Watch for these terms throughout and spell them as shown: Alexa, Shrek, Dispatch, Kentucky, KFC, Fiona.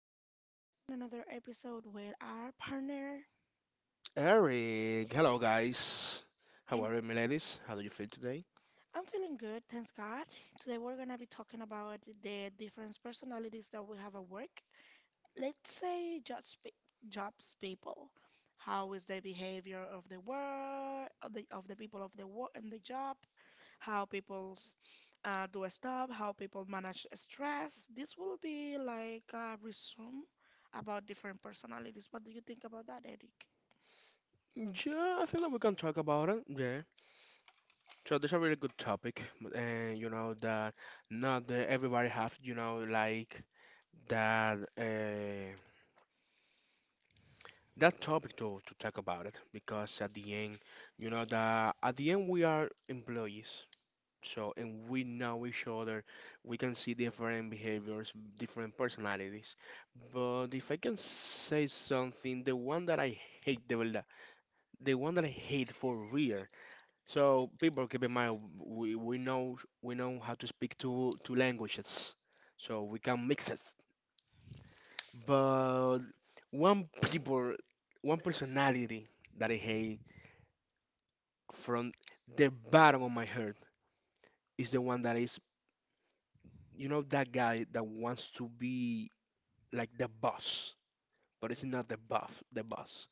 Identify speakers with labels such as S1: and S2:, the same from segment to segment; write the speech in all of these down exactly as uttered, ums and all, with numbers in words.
S1: another podcast and another episode with our partner.
S2: Eric, hello guys. How
S1: And
S2: are you, ladies? How do you feel today?
S1: I'm feeling good, thanks God. Today we're gonna be talking about the different personalities that we have at work. Let's say jobs, pe- jobs people. How is the behavior of the work of the of the people of the work and the job? How people uh, do stuff, how people manage stress. This will be like a resume about different personalities. What do you think about that, Eric?
S2: Yeah, I think that we can talk about it. Yeah. So this is a really good topic, and you know that not that everybody have you know like that uh, that topic to to talk about it because at the end, you know that at the end we are employees. So, and we know each other, we can see different behaviors, different personalities. But if I can say something, the one that I hate, the, one the one that I hate for real. So people keep in mind, we, we know we know how to speak two two languages, so we can mix it. But one people, one personality that I hate from the bottom of my heart is the one that is, you know, that guy that wants to be like the boss, but it's not the buff, the boss.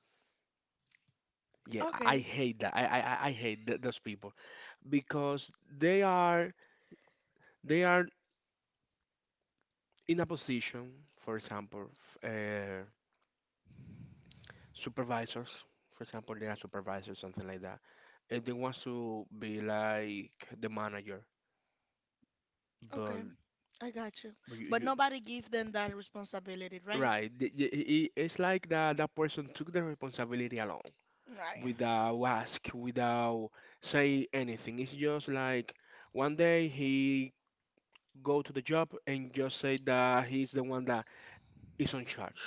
S2: Yeah, I I
S1: Okay,
S2: hate that. I I I I hate th those people because they are they are in a position, for example, f- uh, supervisors. For example, they are supervisors, something like that. And they want to be like the manager, but
S1: okay, I got you.
S2: But you,
S1: But
S2: you
S1: nobody give them that responsibility, right?
S2: right. The- the- i- i- It's like that that person took the responsibility alone
S1: Right,
S2: without ask, without say anything. It's just like one day he go to the job and just say that he's the one that is on charge.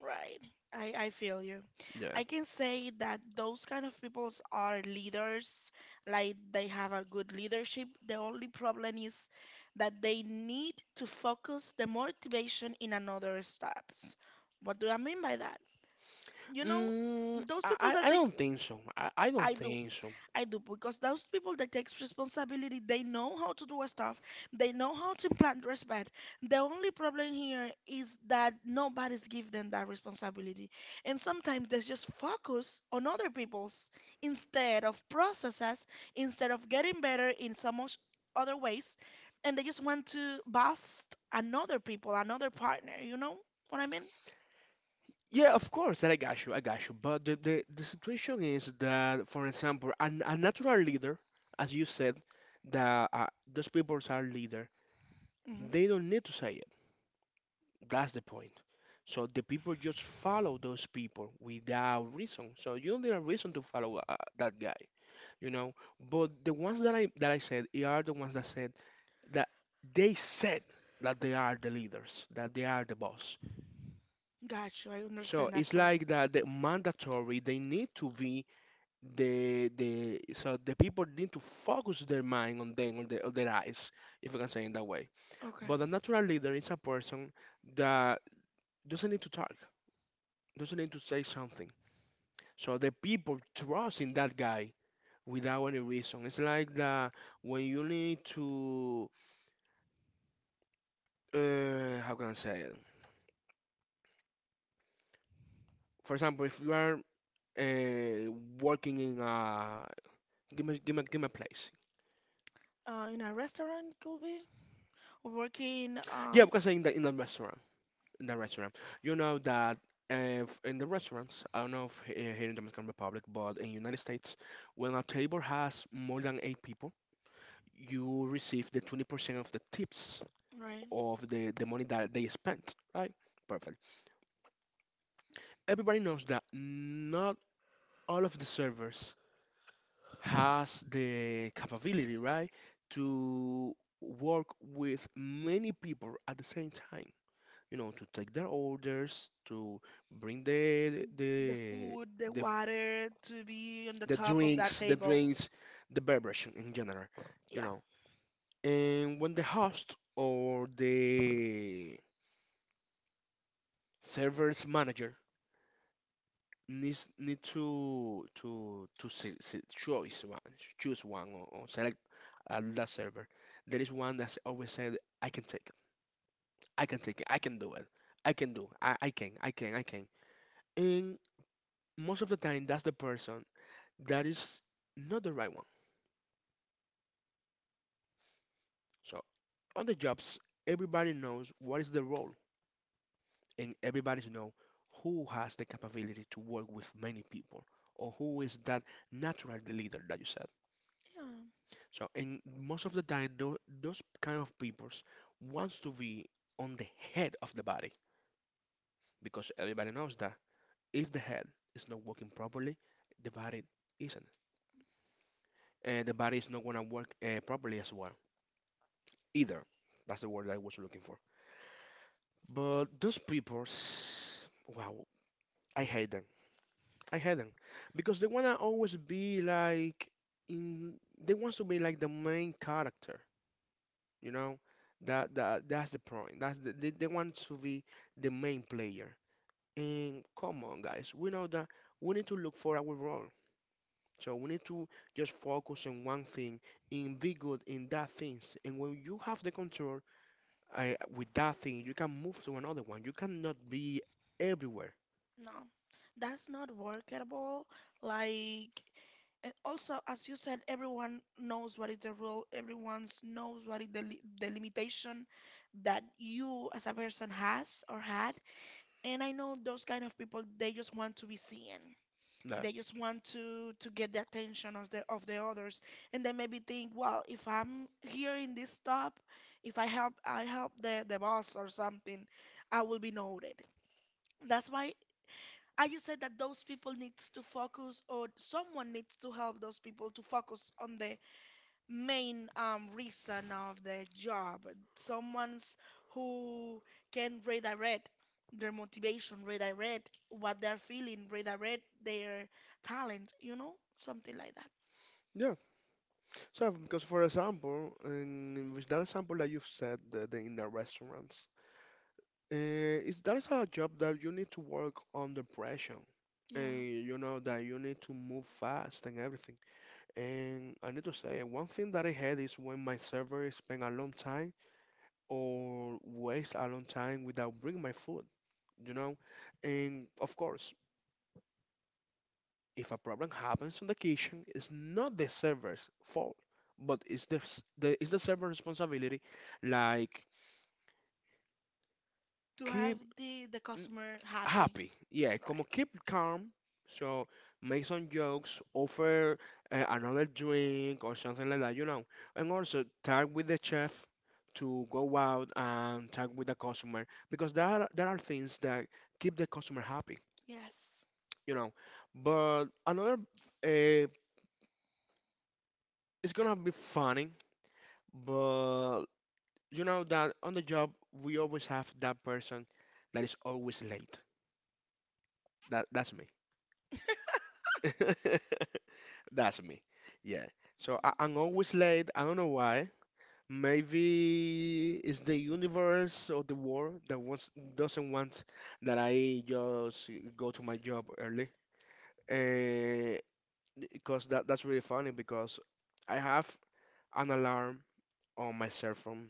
S1: right. I, I feel you.
S2: Yeah.
S1: I can say that those kind of peoples are leaders, like they have a good leadership. The only problem is that they need to focus the motivation in another steps. What do I mean by that? You know,
S2: Mm,
S1: those
S2: I,
S1: people
S2: I
S1: that
S2: I
S1: think
S2: don't think so. I, I don't
S1: I do.
S2: think so.
S1: I do because those people that takes responsibility, they know how to do stuff, they know how to implant respect. The only problem here is that nobody's give them that responsibility, and sometimes they just focus on other people's instead of processes, instead of getting better in so much other ways, and they just want to bust another people, another partner. You know what I mean?
S2: Yeah, of course, that I got you, I got you. But the, the, the situation is that, for example, an, a natural leader, as you said, that uh, those people are leader,
S1: Hmm.
S2: they don't need to say it. That's the point. So the people just follow those people without reason. So you don't need a reason to follow uh, that guy, you know. But the ones that I that I said they are the ones that said that they said that they are the leaders, that they are the boss.
S1: Got you. I
S2: So
S1: understand that
S2: it's
S1: part.
S2: like that the mandatory they need to be the the so the people need to focus their mind on them on their, on their eyes if I can say it that way,
S1: Okay.
S2: but a natural leader is a person that doesn't need to talk, doesn't need to say something, so the people trust in that guy without any reason. It's like that when you need to uh, how can I say it. For example, if you are uh, working in a, give me give me give me a place.
S1: Uh, in a restaurant could be working.
S2: Yeah, we
S1: Um,
S2: can say in the in a restaurant, in the restaurant. You know that uh, f- in the restaurants, I don't know if he- here in the Dominican Republic, but in United States, when a table has more than eight people, you receive the twenty percent of the tips
S1: right.
S2: of the, the money that they spent, right? Perfect. Everybody knows that not all of the servers has the capability, right, to work with many people at the same time. You know, to take their orders, to bring the
S1: The
S2: the
S1: food, the
S2: the
S1: water to be on the
S2: the
S1: top of that
S2: drinks, the
S1: table.
S2: drinks, the beverage in general, you
S1: Yeah.
S2: know. And when the host or the server's manager needs need to to to se- se- choose one, choose one or, or select a that server, there is one that's always said, "I can take it, I can take it, I can do it, I can do, I, I can, I can, I can." And most of the time that's the person that is not the right one. So on the jobs, everybody knows what is the role and everybody know who has the capability to work with many people or who is that natural leader that you said.
S1: Yeah.
S2: So, and most of the time tho- those kind of peoples wants to be on the head of the body because everybody knows that if the head is not working properly, the body isn't, and the body is not going to work uh, properly as well either. That's the word I was looking for. But those people, s- wow, I hate them. I hate them because they wanna always be like in. They want to be like the main character, you know. That that that's the point. That's the, they they want to be the main player. And come on, guys, we know that we need to look for our role. So we need to just focus on one thing and be good in that things. And when you have the control I, with that thing, you can move to another one. You cannot be everywhere.
S1: No, that's not workable. Like, and also, as you said, everyone knows what is the rule. Everyone knows what is the li the limitation that you as a person has or had. And I know those kind of people, they just want to be seen.
S2: That.
S1: They just want to to get the attention of the of the others, and they maybe think, well, if I'm here in this top, if I help I help the the boss or something, I will be noted. That's why I just said that those people needs to focus, or someone needs to help those people to focus on the main um, reason of their job. Someone's who can redirect their motivation, redirect what they're feeling, redirect their talent, you know, something like that.
S2: Yeah. So, because for example, in, with that example that you've said the, the, in the restaurants, uh, is that is a job that you need to work under pressure.
S1: Yeah.
S2: And you know that you need to move fast and everything. And I need to say, one thing that I had is when my server spend a long time or waste a long time without bringing my food. You know? And of course, if a problem happens on the kitchen, it's not the server's fault, but it's the, s- the it's the server's responsibility. Like
S1: To have
S2: keep
S1: the the
S2: n-
S1: customer happy.
S2: happy, yeah, como
S1: Right.
S2: keep calm. So make some jokes, offer uh, another drink or something like that, you know. And also tag with the chef to go out and tag with the customer because there are, there are things that keep the customer happy.
S1: Yes.
S2: You know. But another, uh, it's gonna be funny, but you know that on the job we always have that person that is always late. That that's me. That's me. Yeah. So I, I'm always late. I don't know why. Maybe it's the universe or the world that wants doesn't want that I just go to my job early. Uh, because that that's really funny because I have an alarm on my cell phone.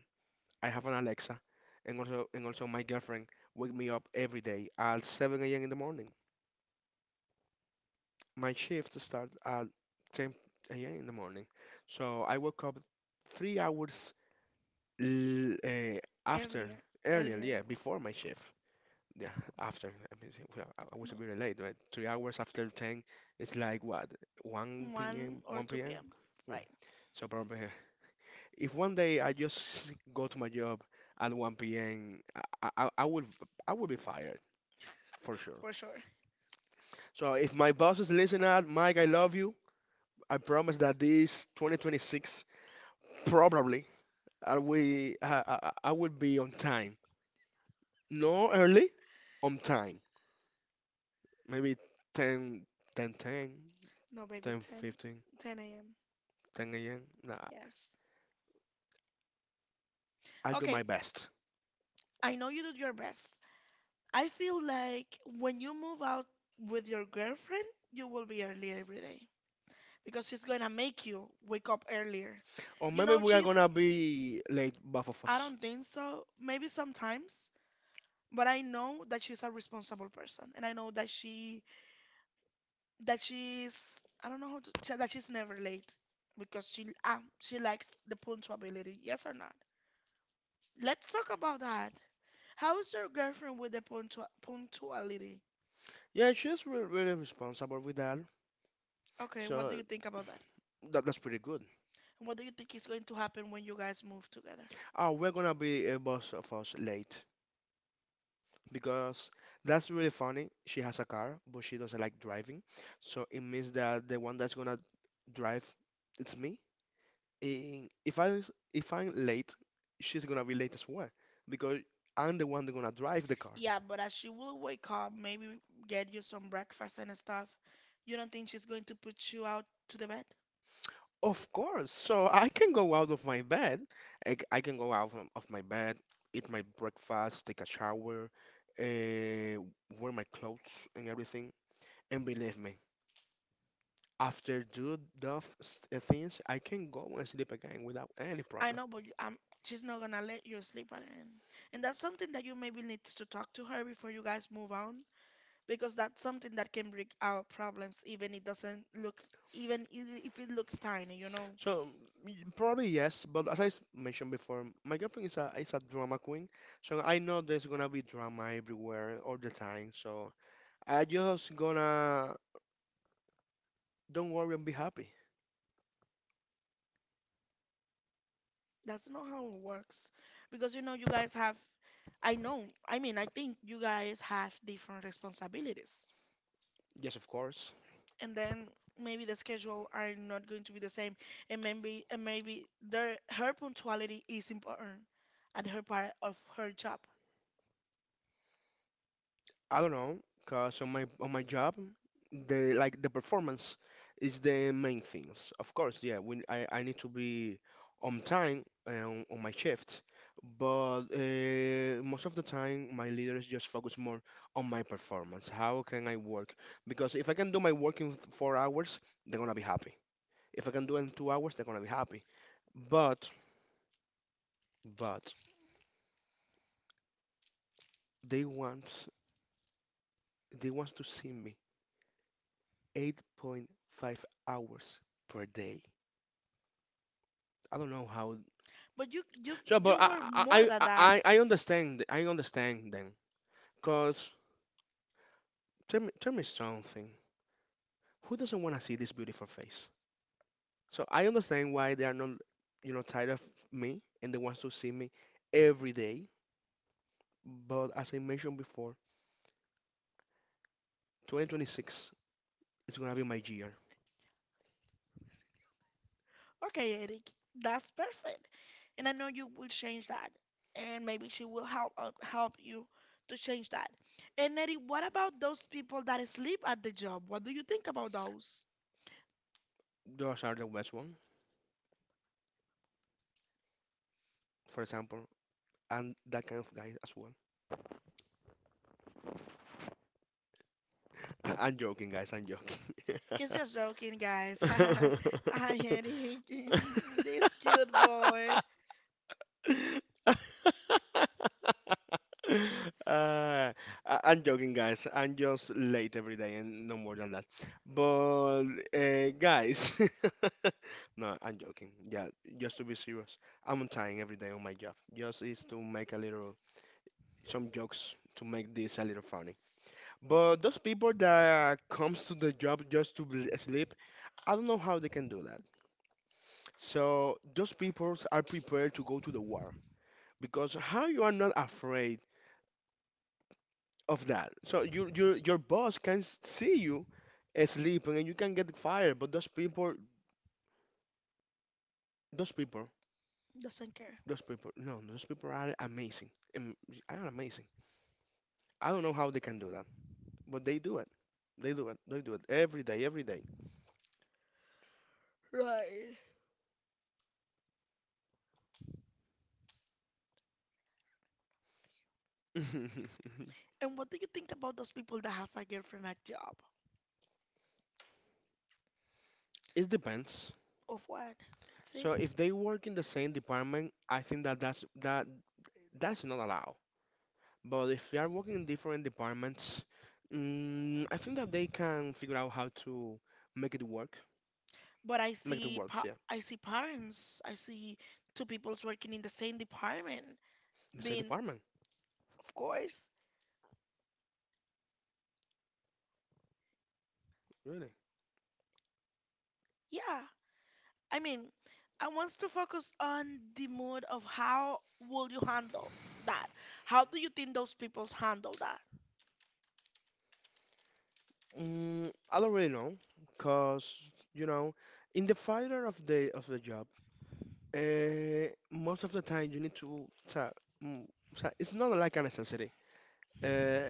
S2: I have an Alexa, and also and also my girlfriend wake me up every day at seven a m in the morning. My shift starts at ten a m in the morning, so I woke up three hours l- uh, after.
S1: Earlier.
S2: Earlier,
S1: Earlier.
S2: yeah, before my shift. Yeah, after I mean, well, I I was
S1: No.
S2: a bit late, right? Three hours after ten, it's like what, 1
S1: one
S2: p.m.
S1: or
S2: 1
S1: 2
S2: p.m.
S1: p.m.
S2: Hmm.
S1: Right,
S2: So probably if one day I just go to my job at one p m, I, I, I will I will be fired for sure.
S1: for sure.
S2: So if my boss is listening out, Mike, I love you. I promise that this twenty twenty-six probably I will I, I, I will be on time. No early, on time. Maybe ten ten ten
S1: No, baby,
S2: ten
S1: ten,
S2: fifteen,
S1: ten a m.
S2: ten a m. Nah,
S1: Yes.
S2: I'll do my
S1: Okay,
S2: best.
S1: I know you did your best. I feel like when you move out with your girlfriend, you will be early every day because she's going to make you wake up earlier.
S2: Or
S1: You
S2: maybe
S1: know,
S2: we are
S1: she's,
S2: gonna be late, both of
S1: I
S2: us.
S1: don't think so, maybe sometimes, but I know that she's a responsible person and I know that she that she's I don't know how to say that she's never late because she ah she likes the punctuality. Yes or not? Let's talk about that. How is your girlfriend with the punctua- punctuality?
S2: Yeah, she's re- really responsible with that.
S1: Okay, what do
S2: So
S1: you think about that?
S2: that, that's pretty good.
S1: And what do you think is going to happen when you guys move together?
S2: Oh, we're gonna be uh, both of us late because that's really funny. She has a car, but she doesn't like driving. So it means that the one that's gonna drive, it's me. And if I s- if I'm late, she's gonna be late as well because I'm the one that's gonna drive the car.
S1: Yeah, but as she will wake up, maybe get you some breakfast and stuff. You don't think she's going to put you out to the bed?
S2: Of course. So I can go out of my bed. I, c- I can go out of, of my bed, eat my breakfast, take a shower, uh, wear my clothes and everything. And believe me, after do those s- uh, things, I can go and sleep again without any
S1: I
S2: problem.
S1: know, but um, she's not gonna let you sleep on it. And that's something that you maybe need to talk to her before you guys move on, because that's something that can bring out problems even it doesn't looks even i- if it looks tiny, you know.
S2: So y- probably yes, but as I s- mentioned before, my girlfriend is a is a drama queen, so I know there's gonna be drama everywhere all the time. So I just gonna don't worry and be happy.
S1: That's not how it works because you know you guys have, I know, I mean, I think you guys have different responsibilities,
S2: Yes, of course.
S1: and then maybe the schedule are not going to be the same, and maybe and maybe their her punctuality is important at her part of her job.
S2: I don't know, cause on my on my job, the like the performance is the main things. Of course, yeah, when I, I need to be on time um, on my shift, but uh, most of the time my leaders just focus more on my performance. How can I work? Because if I can do my work in four hours, they're gonna be happy. If I can do it in two hours, they're gonna be happy. But but they want they want to see me eight point five hours per day. I don't know how.
S1: But you you
S2: So, but
S1: you
S2: I
S1: were
S2: I
S1: more than
S2: I
S1: that.
S2: I I understand. I understand then. Cause tell me tell me something. Who doesn't want to see this beautiful face? So I understand why they are not, you know, tired of me and they want to see me every day. But as I mentioned before, twenty twenty-six is gonna be my year.
S1: Okay, Eric, that's perfect. And I know you will change that. And maybe she will help uh, help you to change that. And Eric, what about those people that sleep at the job? What do you think about those?
S2: Those are the best one, for example, and that kind of guy as well. I- I'm joking, guys. I'm joking.
S1: He's just joking, guys. Hi, Eric. This cute boy
S2: Uh, I- I'm joking, guys. I'm just late every day and no more than that. But, uh, guys, no, I'm joking. Yeah, just to be serious, I'm on time every day on my job. Just is to make a little, some jokes to make this a little funny. But those people that comes to the job just to bl- sleep, I don't know how they can do that. So those people are prepared to go to the war because how you are not afraid of that so your your your boss can s- see you uh, sleeping and you can get fired but those people those people
S1: doesn't care.
S2: those people no those people are amazing. Am- are amazing. I don't know how they can do that, but they do it. They do it they do it every day every day
S1: Right.
S2: it
S1: And what do you think about those people that has a girlfriend at job?
S2: depends.
S1: Of what? Let's see.
S2: So if they work in the same department, I think that that's that that's not allowed. But if they are working in different departments, mm, I think that they can figure out how to make it work.
S1: But I
S2: Make it
S1: see
S2: works,
S1: pa
S2: yeah.
S1: I see parents, I see two people's working in the same department.
S2: In
S1: I
S2: the same
S1: mean,
S2: department,
S1: of course,
S2: really.
S1: yeah. I mean, I wants to focus on the mood of how will you handle that? How do you think those people's handle that?
S2: Mm, I don't really know, cause you know, in the fighter of the of the job, uh, most of the time you need to. So, mm, so it's not like a necessity, uh,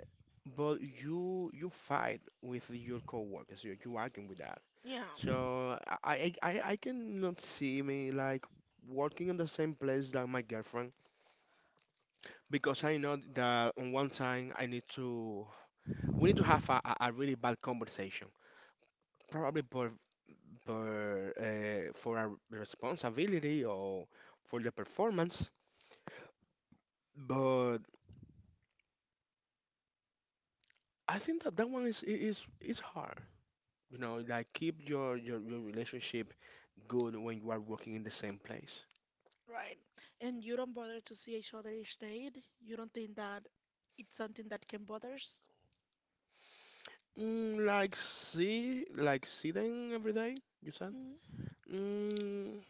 S2: but you you fight with your coworkers. You you arguing with that.
S1: Yeah,
S2: So I, I, I I cannot see me like working in the same place that my girlfriend because I know that on one time I need to, we need to have a, a a really bad conversation. Probably for for uh, for a responsibility or for the performance. But I think that that one is i- is is hard. You know, like keep your your, your relationship good when you are working in the same place.
S1: right. And you don't bother to see each other each day. You don't think that it's something that can bothers?
S2: Mm, like see, like sitting every day, you said? Mm,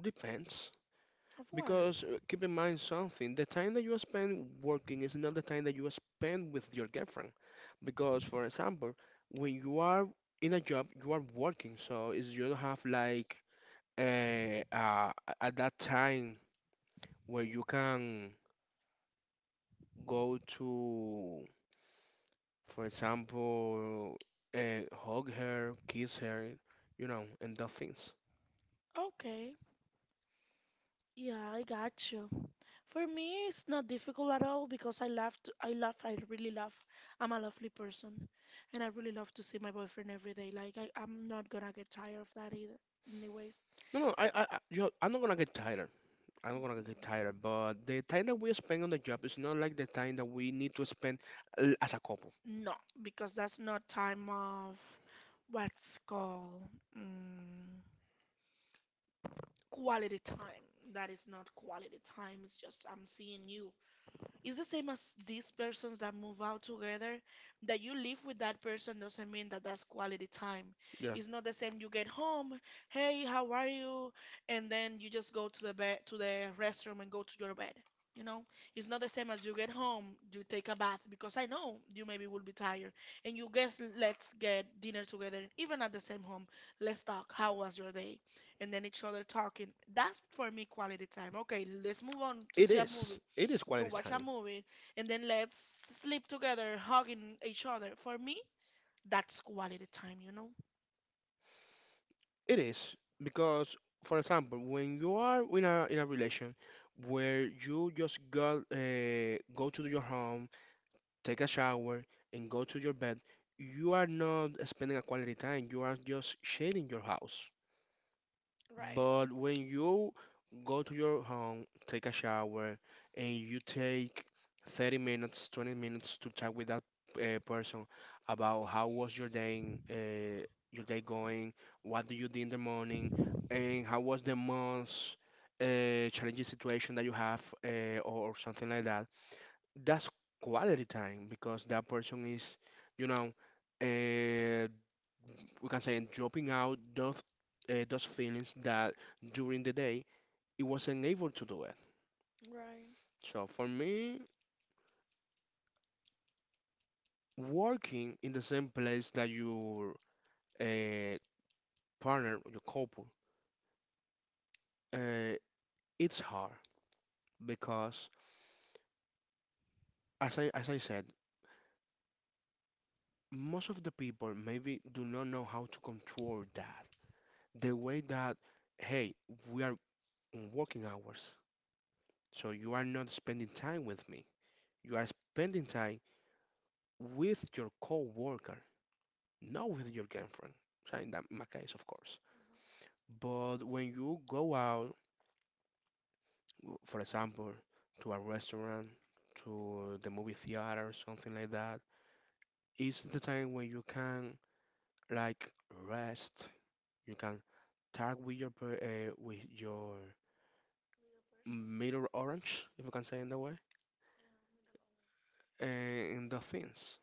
S2: Depends.
S1: Of what?
S2: Because uh, keep in mind something, the time that you spend working is not the time that you spend with your girlfriend. Because, for example, when you are in a job, you are working, so is you don't have like uh, uh, at that time where you can go to, for example, uh, hug her, kiss her, you know, and that things.
S1: Okay. Yeah, I got you. For me, it's not difficult at all because I love to, I love, I really love, I'm a lovely person and I really love to see my boyfriend every day. Like, I, I'm not gonna get tired of that either. Anyways,
S2: No, no, I, I, I- you know, I'm not gonna get tired. I'm not gonna get tired, but the time that we spend on the job is not like the time that we need to spend uh, as a couple.
S1: no, because that's not time of what's called mm, quality time. That is not quality time. It's just I'm seeing you. It's the same as these persons that move out together. That you live with that person doesn't mean that that's quality time.
S2: Yeah,
S1: It's not the same. You get home, hey, how are you? And then you just go to the bed, to the restroom, and go to your bed. You know, it's not the same as you get home, you take a bath because I know you maybe will be tired, and you guess let's get dinner together, and even at the same home. Let's talk. How was your day? And then each other talking. That's for me quality time. Okay, let's move on to
S2: it
S1: see a
S2: is.
S1: movie
S2: It is
S1: to
S2: quality
S1: watch
S2: time.
S1: a movie, and then let's sleep together, hugging each other. For me, that's quality time, you know?
S2: It is because, for example, when you are in a in a relation where you just got uh, go to your home, take a shower, and go to your bed, you are not spending a quality time. You are just shading your house. But when you go to your home, take a shower, and you take thirty minutes, twenty minutes to chat with that uh, person about how was your day, uh, your day going, what do you do in the morning, and how was the month's uh, challenging situation that you have, uh, or, or something like that. That's quality time because that person is, you know, uh, we can say and dropping out those uh, those feelings that during the day it wasn't able to do it. So for me, working in the same place that your uh, partner, your couple, uh, it's hard because as I as I said, most of the people maybe do not know how to control that. The way that hey, we are on working hours, so you are not spending time with me. You are spending time with your coworker, not with your girlfriend, so in that, my case, of course. But when you go out, for example, to a restaurant, to the movie theater, something like that, it's the time when you can like rest. You can talk with your per- uh, with your middle orange, if you can say in that way, and the things.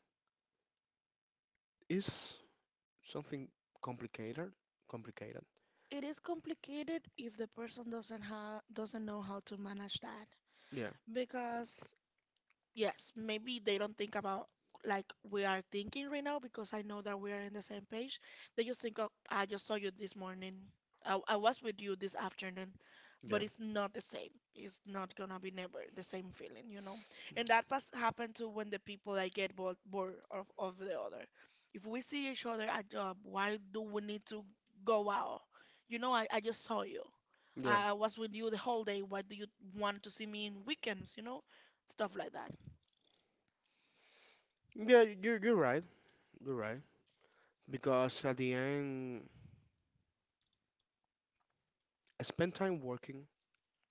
S2: It's something complicated, complicated.
S1: It is complicated if the person doesn't ha- doesn't know how to manage that,
S2: Yeah,
S1: because yes, maybe they don't think about like we are thinking right now because I know that we are in the same page. They just think, oh, I just saw you this morning. I, I was with you this afternoon,
S2: yeah,
S1: but it's not the same. It's not gonna be never the same feeling, you know. And that has happened to when the people like get bored, bored of, of the other. If we see each other at job, why do we need to go out? You know, I, I just saw you.
S2: yeah.
S1: I, I was with you the whole day. Why do you want to see me in weekends? You know, stuff like that.
S2: Yeah, you're you're right. You're right. Because at the end, I spend time working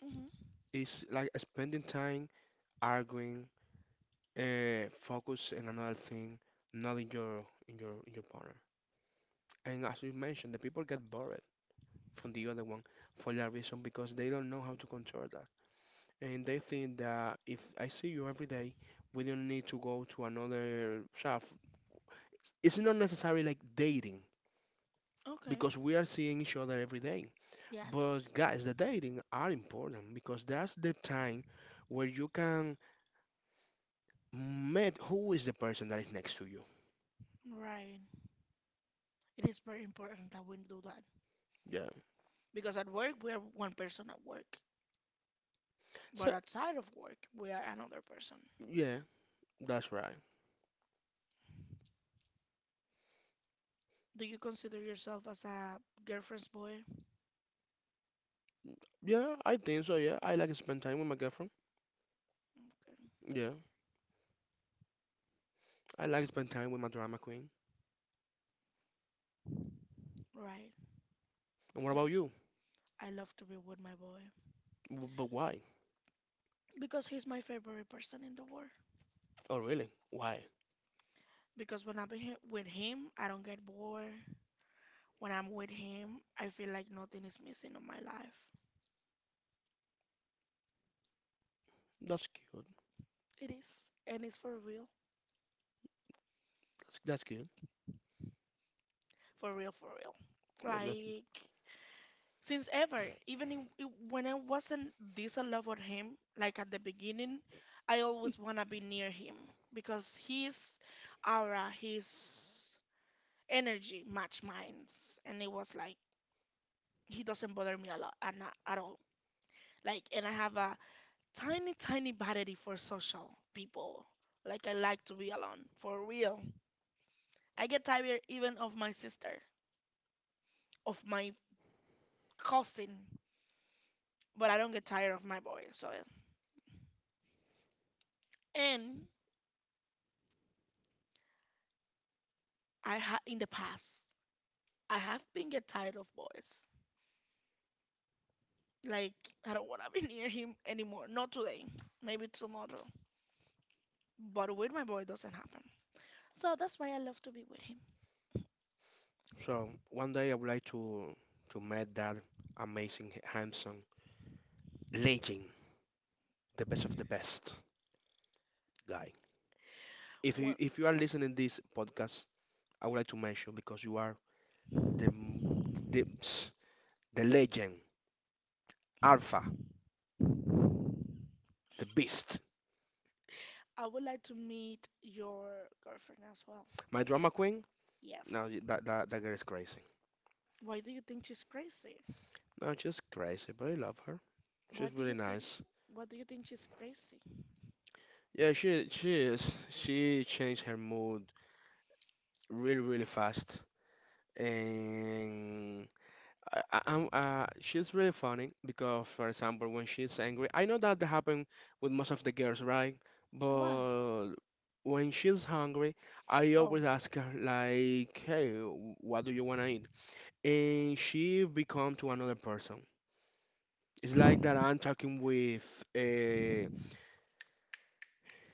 S1: Hmm.
S2: is like spending time arguing, uh, focus in another thing, not in your in your in your partner. And as you mentioned, the people get bored from the other one for that reason because they don't know how to control that. And they think that if I see you every day, we don't need to go to another shop. It's not necessarily like dating. Okay.
S1: Okay.
S2: Because we are seeing each other every day. But
S1: Yes.
S2: guys, the dating are important because that's the time where you can meet who is the person that is next to you.
S1: Right. It is very important that we do that.
S2: Yeah.
S1: Because at work, we are one person at work, but
S2: So
S1: outside of work, we are another person.
S2: yeah, that's right.
S1: Do you consider yourself as a girlfriend's boy?
S2: Yeah, I think so. Yeah, I like to spend time with my girlfriend.
S1: Okay.
S2: Yeah, I like to spend time with my drama queen.
S1: Right.
S2: And what
S1: Got
S2: about
S1: you.
S2: you?
S1: I love to be with my boy
S2: W- But why?
S1: because he's my favorite person in the world.
S2: Oh, really? Why?
S1: Because when I'm he- with him, I don't get bored. When I'm with him, I feel like nothing is missing in my life.
S2: That's cute.
S1: It is, and it's for real,
S2: That's that's cute.
S1: for real, for real.
S2: No, that's.
S1: Like since ever. Even in, i- when I wasn't this in love with him, like at the beginning, I always wanna be near him because his aura, his energy match mine, and it was like he doesn't bother me a lot and not at all. Like, and I have a tiny, tiny vanity for social people. Like, I like to be alone for real. I get tired even of my sister, of my cousin, but I don't get tired of my boy. So, and I ha in the past, I have been get tired of boys. Like I don't wanna be near him anymore. Not today, maybe tomorrow. But with my boy doesn't happen. So that's why I love to be with him.
S2: So one day I would like to to meet that amazing, handsome legend, the best of the best guy. If you
S1: Well,
S2: if you are listening this podcast, I would like to mention because you are the m- the the legend, alpha, the beast.
S1: I would like to meet your girlfriend as well.
S2: My drama queen. Now
S1: Yes.
S2: that that that girl is crazy.
S1: Why do you think she's crazy?
S2: No, she's crazy, but I love her.
S1: Why
S2: She's
S1: do
S2: really
S1: you think
S2: nice.
S1: why do you think she's crazy?
S2: Yeah, she she is. She changed her mood really really fast, and I, I- I'm, uh, she's really funny because, for example, when she's angry, I know that happens with most of the girls, right?
S1: What?
S2: But when she's hungry, I
S1: Oh.
S2: always ask her like, "Hey, wh- what do you want to eat?" And she become to another person. It's like that I'm talking with a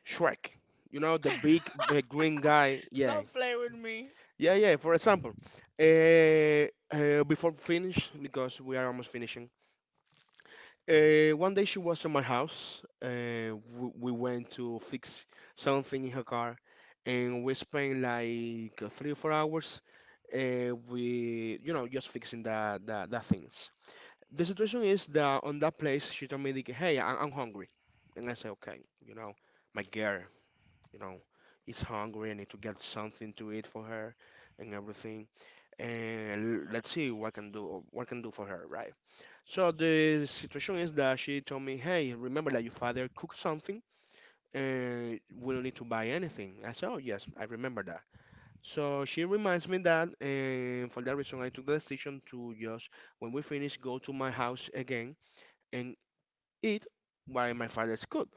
S2: Shrek, you know, the big, uh, green guy. Yeah,
S1: Don't play with me.
S2: yeah, yeah. For example, uh, uh, before finish because we are almost finishing. Uh, one day she was at my house. Uh, we, we went to fix something in her car, and we spent like uh, three or four hours. Uh, we, you know, just fixing the, the the things. The situation is that on that place, she told me, like, "Hey, I, I'm hungry," and I said, "Okay, you know, my girl, you know, is hungry. I need to get something to eat for her and everything. And let's see what I can do, what I can do for her, right?" So the situation is that she told me, "Hey, remember that your father cooked something, and we don't need to buy anything." I said, "Oh yes, I remember that." So she reminds me that, and for that reason, I took the decision to just, when we finish, go to my house again and eat while my father's cooked.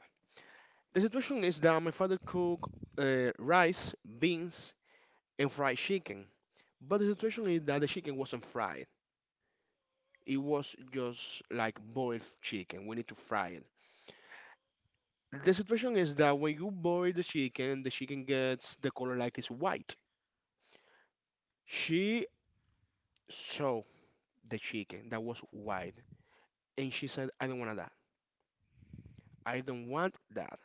S2: The situation is that my father cooked uh, rice, beans, and fried chicken, but the situation is that the chicken wasn't fried. It was just like boiled chicken. We need to fry it. The situation is that when you boil the chicken, the chicken gets the color like it's white. She saw the chicken that was white and she said, I don't want that. I don't want that.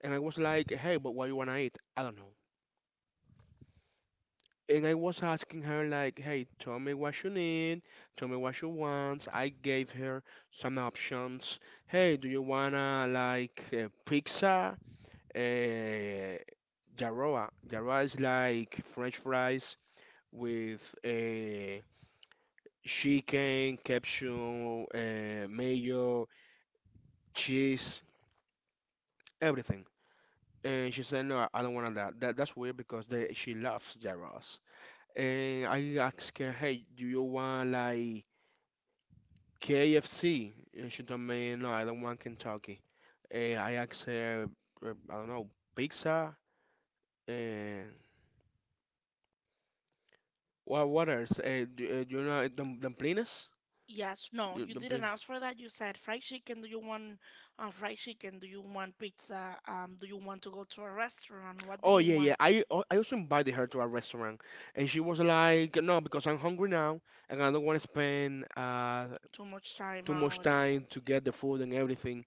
S2: And I was like, hey, but what you wanna eat? I don't know. And I was asking her like, hey, tell me what you need, tell me what you want. I gave her some options. Hey, do you wanna like uh, pizza? Uh, Jarroa. Jarroa is like French fries with a chicken, capsule, uh, mayo, cheese, everything. And she said, "No, I don't want that. That that's weird because they, she loves gyros." And I asked her, "Hey, do you want like K F C?" And she told me, "No, I don't want Kentucky." And I asked her, uh, "I don't know, pizza." And What what else? Uh, do, uh, do you know dum dumplings?
S1: Yes, no,
S2: You-
S1: you didn't
S2: Dumplings.
S1: ask for that. You said fried chicken. Do you want uh, fried chicken? Do you want pizza? Um, do you want to go to a restaurant? What do
S2: Oh
S1: you
S2: yeah, yeah.
S1: want?
S2: I al- I also invited her to a restaurant, and she was like, "No, because I'm hungry now, and I don't want to spend uh
S1: Too much time
S2: too much
S1: out.
S2: time to get the food and everything."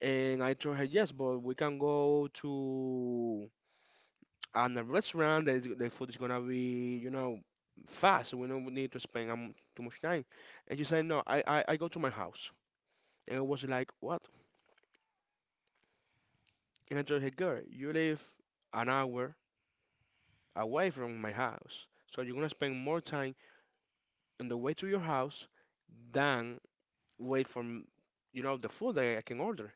S2: And I told her, "Yes, but we can go to and the restaurant, the, the food is gonna be, you know, fast. So we don't need to spend um, too much time. And she said, no, I, I, I go to my house. And I was like, what? And I told her, girl, you live an hour away from my house, so you're gonna spend more time on the way to your house than wait for, m- you know, the food that I can order.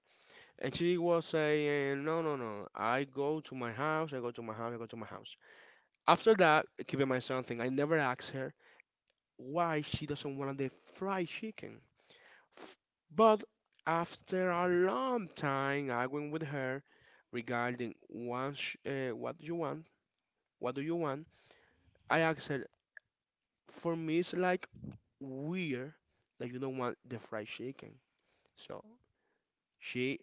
S2: And she was saying, no, no, no, I go to my house, I go to my house, I go to my house. After that, keep in mind something, I never asked her why she doesn't want the fried chicken. F- But after a long time arguing with her regarding what, sh uh, what you want, what do you want, I asked her, for me it's like weird that you don't want the fried chicken. So she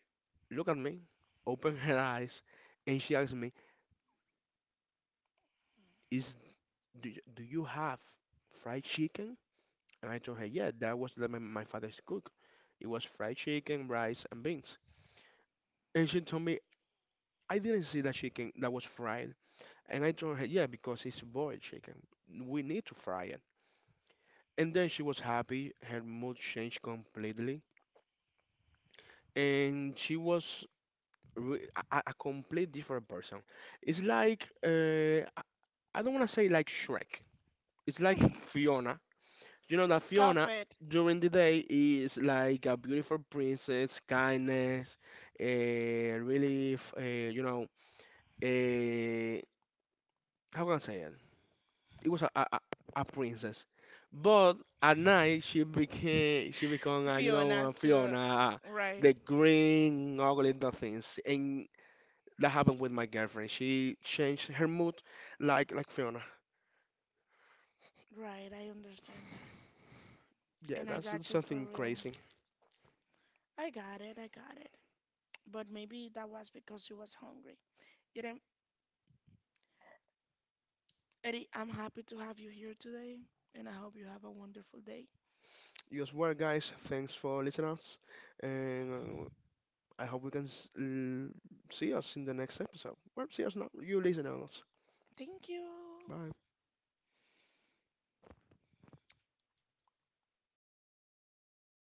S2: looked at me, opened her eyes, and she asked me, is do, y- do you have fried chicken? And I told her, yeah, that was the- my, my father's cook. It was fried chicken, rice, and beans. And she told me I didn't see that chicken that was fried. And I told her, yeah, because it's boiled chicken. We need to fry it. And then she was happy. Her mood changed completely. And she was re- a, a a complete different person. It's like, uh, I I don't want to say like Shrek. It's like Fiona. You know that
S1: Stop
S2: Fiona
S1: it.
S2: during the day is like a beautiful princess, kindness, uh, really, f- uh, you know, uh, how can I say it? It was a, a, a a princess. But at night she became she became uh, you know
S1: Fiona
S2: uh,
S1: to
S2: Fiona, uh,
S1: right,
S2: the green ugly the things, and that happened with my girlfriend. She changed her mood like like Fiona.
S1: right. I understand that,
S2: Yeah,
S1: and I
S2: that's
S1: got you for
S2: something
S1: real.
S2: crazy.
S1: I got it. I got it. But maybe that was because you was hungry. You Eddie, I'm happy to have you here today, and I hope you have a wonderful day.
S2: You as well, guys. Thanks for listening us, and uh, I hope we can s- l- see us in the next episode. Well, see us now. You listen us.
S1: Thank you.
S2: Bye.